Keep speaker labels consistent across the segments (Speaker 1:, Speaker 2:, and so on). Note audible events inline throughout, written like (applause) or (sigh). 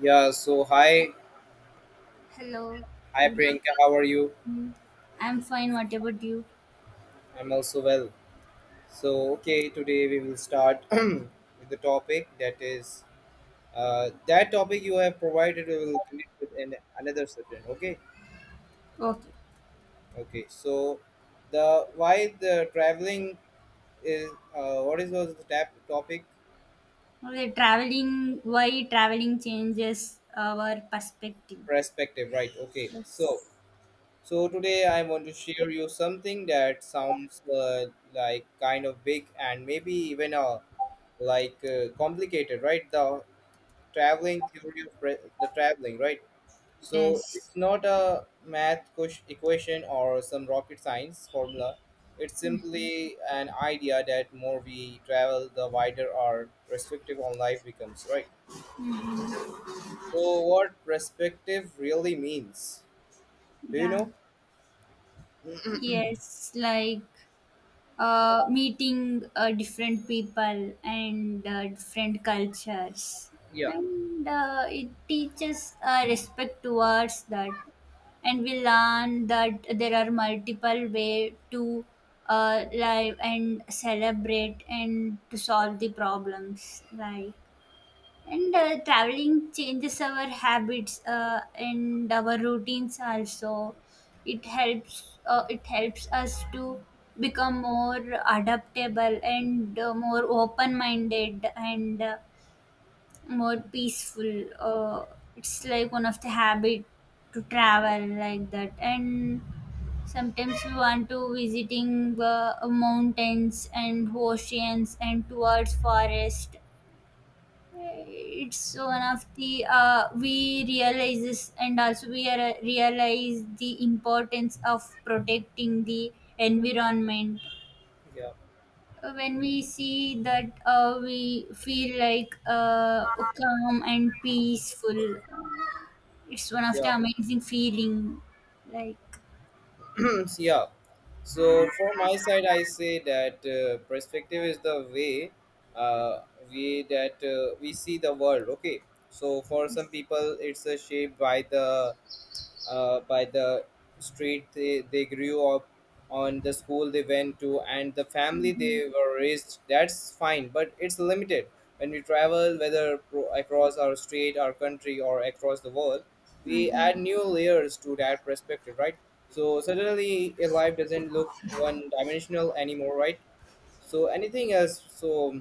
Speaker 1: Yeah, so hi,
Speaker 2: Hello.
Speaker 1: hi
Speaker 2: Good
Speaker 1: Priyanka, how are you?
Speaker 2: afternoon. I'm fine. What about you?
Speaker 1: I'm also well. So, today we will start (clears throat) with the topic that is that topic you have provided. We will connect with an, another subject. Okay,
Speaker 2: Okay.
Speaker 1: okay. So, the why the traveling is what is was the tap topic
Speaker 2: Okay, traveling, why traveling changes our perspective.
Speaker 1: perspective, right? Okay, so
Speaker 2: Yes.
Speaker 1: so today I want to share you something that sounds like kind of big and maybe even a like complicated, right? The traveling theory of the traveling, right? So
Speaker 2: Yes.
Speaker 1: it's not a math equation or some rocket science formula. It's simply an idea that more we travel, the wider our perspective on life becomes, right? So what perspective really means, do you
Speaker 2: Yeah.
Speaker 1: know?
Speaker 2: Yes, like meeting different people and different cultures
Speaker 1: Yeah,
Speaker 2: and it teaches respect towards that, and we learn that there are multiple way to live and celebrate and to solve the problems like and traveling changes our habits and our routines also. It helps. It helps us to become more adaptable and more open-minded and more peaceful. It's like one of the habit to travel like that. And sometimes we want to visiting mountains and oceans and towards forest, it's one of the we realizes, and also we are, realize the importance of protecting the environment.
Speaker 1: yeah,
Speaker 2: When we see that we feel like calm and peaceful, it's one of the
Speaker 1: yeah.
Speaker 2: amazing feeling like.
Speaker 1: (clears throat) Yeah. So from my side, I say that perspective is the way uh, we see the world. Okay. So for some
Speaker 2: Yes.
Speaker 1: people, it's shaped by the street they grew up on, the school they went to, and the family
Speaker 2: Hmm.
Speaker 1: they were raised. That's fine, but it's limited. When we travel, whether across our state, our country, or across the world, we
Speaker 2: Hmm.
Speaker 1: add new layers to that perspective, right? So suddenly a life doesn't look one dimensional anymore, right? So anything else? So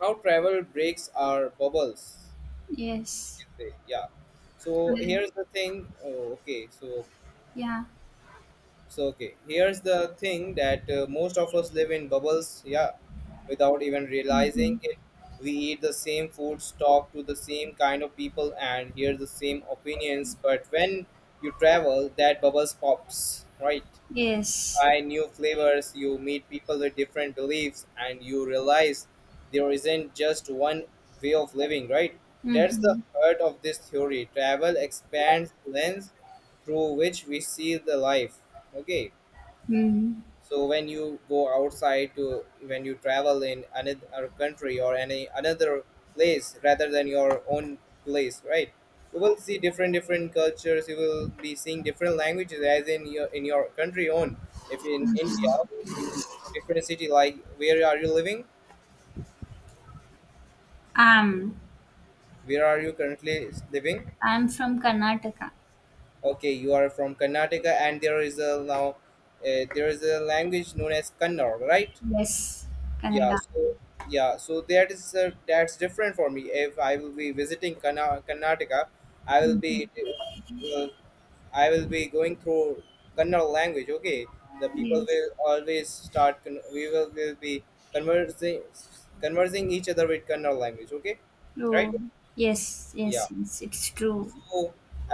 Speaker 1: how travel breaks our bubbles, we
Speaker 2: Yes.
Speaker 1: can say. Yeah, so
Speaker 2: Mm.
Speaker 1: here's the thing. Oh, okay. So,
Speaker 2: Yeah.
Speaker 1: so okay, here's the thing that most of us live in bubbles, yeah, without even realizing
Speaker 2: Hmm.
Speaker 1: it. We eat the same foods, talk to the same kind of people, and hear the same opinions. But when you travel, that bubbles pops, right?
Speaker 2: Yes.
Speaker 1: Try new flavors, you meet people with different beliefs, and you realize there isn't just one way of living, right? That's the
Speaker 2: Hmm.
Speaker 1: heart of this theory. Travel expands the lens through which we see the life. Okay,
Speaker 2: Hmm.
Speaker 1: so when you go outside to when you travel in another country or any another place rather than your own place, right, you will see different different cultures, you will be seeing different languages as in your country own. If in India, you will go to different city. Like, where are you living?
Speaker 2: um
Speaker 1: Where are you currently living?
Speaker 2: I'm from Karnataka.
Speaker 1: Okay, you are from Karnataka, and there is a now, there is a language known as Kannada, right?
Speaker 2: Yes,
Speaker 1: Yeah,
Speaker 2: Canada.
Speaker 1: so yeah, so that is that's different for me. If I will be visiting Karnataka, I will be
Speaker 2: Hmm.
Speaker 1: uh, I will be going through Kannada language. Okay, the people
Speaker 2: Yes,
Speaker 1: will always start. We will be conversing each other with Kannada language. Okay, right?
Speaker 2: true. Yes,
Speaker 1: Yeah.
Speaker 2: yes, yes, it's true.
Speaker 1: So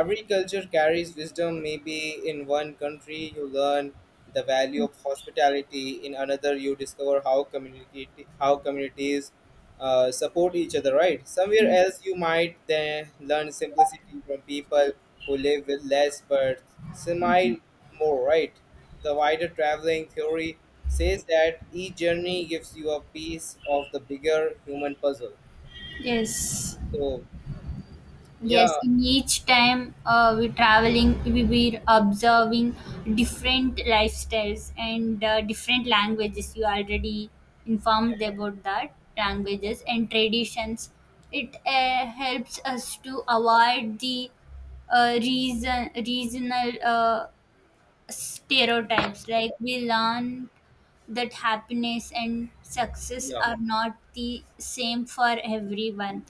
Speaker 1: every culture carries wisdom. Maybe in one country you learn the value of hospitality, in another you discover how communicate how communities support each other. Right? Somewhere
Speaker 2: Yes,
Speaker 1: else you might then learn simplicity from people who live with less but smile more. Right? The wider traveling theory says that each journey gives you a piece of the bigger human puzzle.
Speaker 2: yes,
Speaker 1: So yeah,
Speaker 2: yes. In each time we traveling, we were observing different lifestyles and different languages. You already informed about that languages and traditions. It helps us to avoid the reason regional stereotypes. Like, we learn that happiness and success
Speaker 1: yeah,
Speaker 2: are not the same for everyone.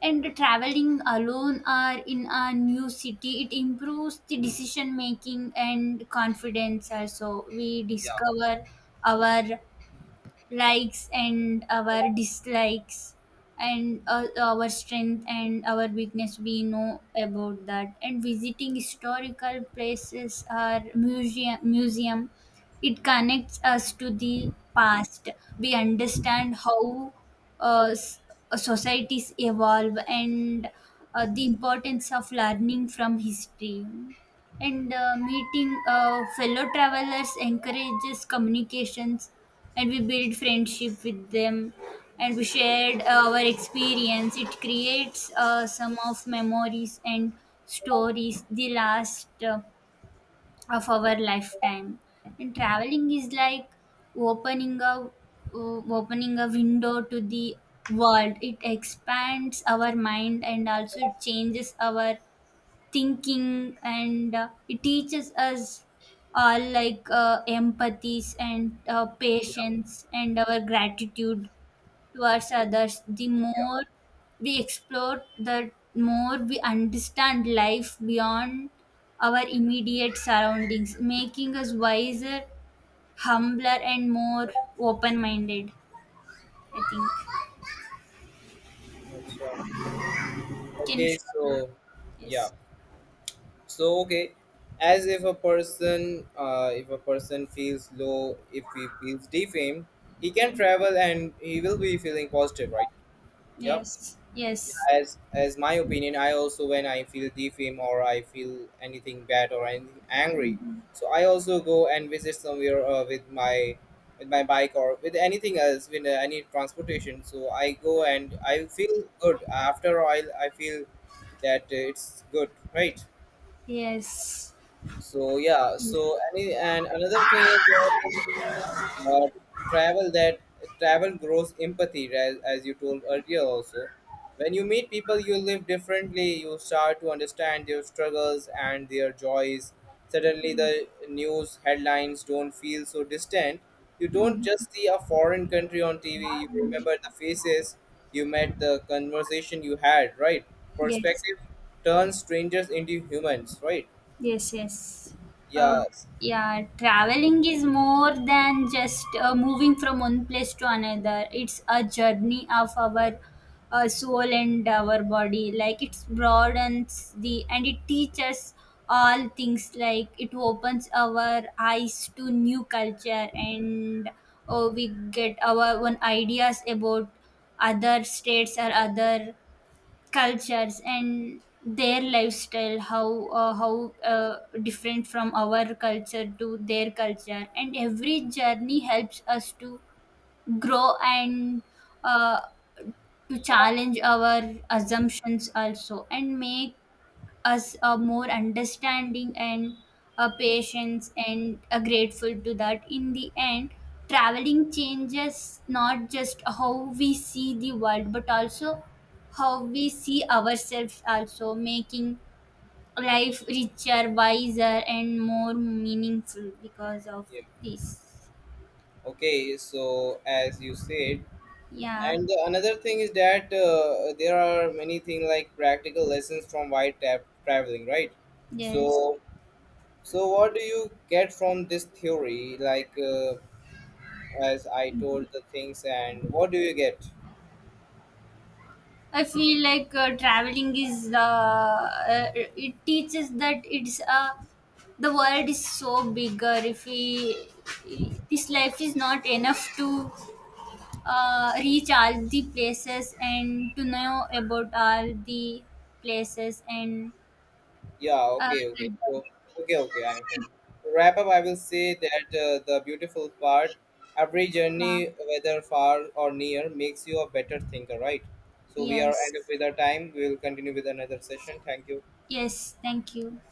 Speaker 2: And traveling alone or in a new city, it improves the decision making and confidence. Also, we
Speaker 1: yeah,
Speaker 2: discover our likes and our dislikes and our strength and our weakness, we know about that. And visiting historical places or museum, it connects us to the past. We understand how uh, s- societies evolve and the importance of learning from history. And meeting fellow travelers encourages communications, and we build friendship with them, and we shared our experience. It creates some of memories and stories the last of our lifetime. And traveling is like opening a opening a window to the world. It expands our mind and also it changes our thinking, and it teaches us like empathies and
Speaker 1: yeah,
Speaker 2: patience and our gratitude towards others. The
Speaker 1: yeah.
Speaker 2: more we explore, the more we understand life beyond our immediate surroundings, making us wiser, humbler and more open-minded, I think.
Speaker 1: Acha.
Speaker 2: Can you
Speaker 1: Okay,
Speaker 2: share?
Speaker 1: so yeah.
Speaker 2: Yes.
Speaker 1: So okay, as if a person feels low, if he feels defamed, he can travel and he will be feeling positive, right? Yeah,
Speaker 2: Yes. Yes.
Speaker 1: as my opinion, I also, when I feel defame or I feel anything bad or anything angry, so I also go and visit somewhere with my bike or with anything else, with any transportation. So I go and I feel good. After all, I feel that it's good, right?
Speaker 2: Yes.
Speaker 1: So yeah, so any and another thing is that uh, travel that travel grows empathy, as you told earlier also. When you meet people you live differently, you start to understand their struggles and their joys. Suddenly the news headlines don't feel so distant. You don't
Speaker 2: Mhm.
Speaker 1: just see a foreign country on TV. You remember the faces you met, the conversation you had, right?
Speaker 2: Yes,
Speaker 1: Perspective turns strangers into humans, right?
Speaker 2: yes, yes. Uh,
Speaker 1: Yes.
Speaker 2: yeah, traveling is more than just moving from one place to another. It's a journey of our soul and our body. Like, it broadens the and it teaches all things. Like, it opens our eyes to new culture, and we get our own ideas about other states or other cultures and their lifestyle, how different from our culture to their culture. And every journey helps us to grow and uh, to challenge our assumptions also, and make us a more understanding and a patience and a grateful to that. In the end, traveling changes not just how we see the world but also how we see ourselves, also making life richer, wiser and more meaningful because of
Speaker 1: Yeah.
Speaker 2: this.
Speaker 1: Okay, so as you said,
Speaker 2: Yeah.
Speaker 1: and the another thing is that there are many things like practical lessons from wide tap traveling, right? So,
Speaker 2: Yes.
Speaker 1: so what do you get from this theory? Like, as I told the things, and what do you get?
Speaker 2: I feel like traveling is it teaches that it's the world is so bigger. If we this life is not enough to reach all the places and to know about all the places and
Speaker 1: Yeah, okay, okay.
Speaker 2: like
Speaker 1: So,
Speaker 2: that.
Speaker 1: okay, okay. I'm fine. To wrap up, I will say that the beautiful part, every
Speaker 2: Yeah.
Speaker 1: journey, whether far or near, makes you a better thinker, right? So we are
Speaker 2: Yes,
Speaker 1: end up with our time. We will continue with another session. Thank you.
Speaker 2: yes, thank you.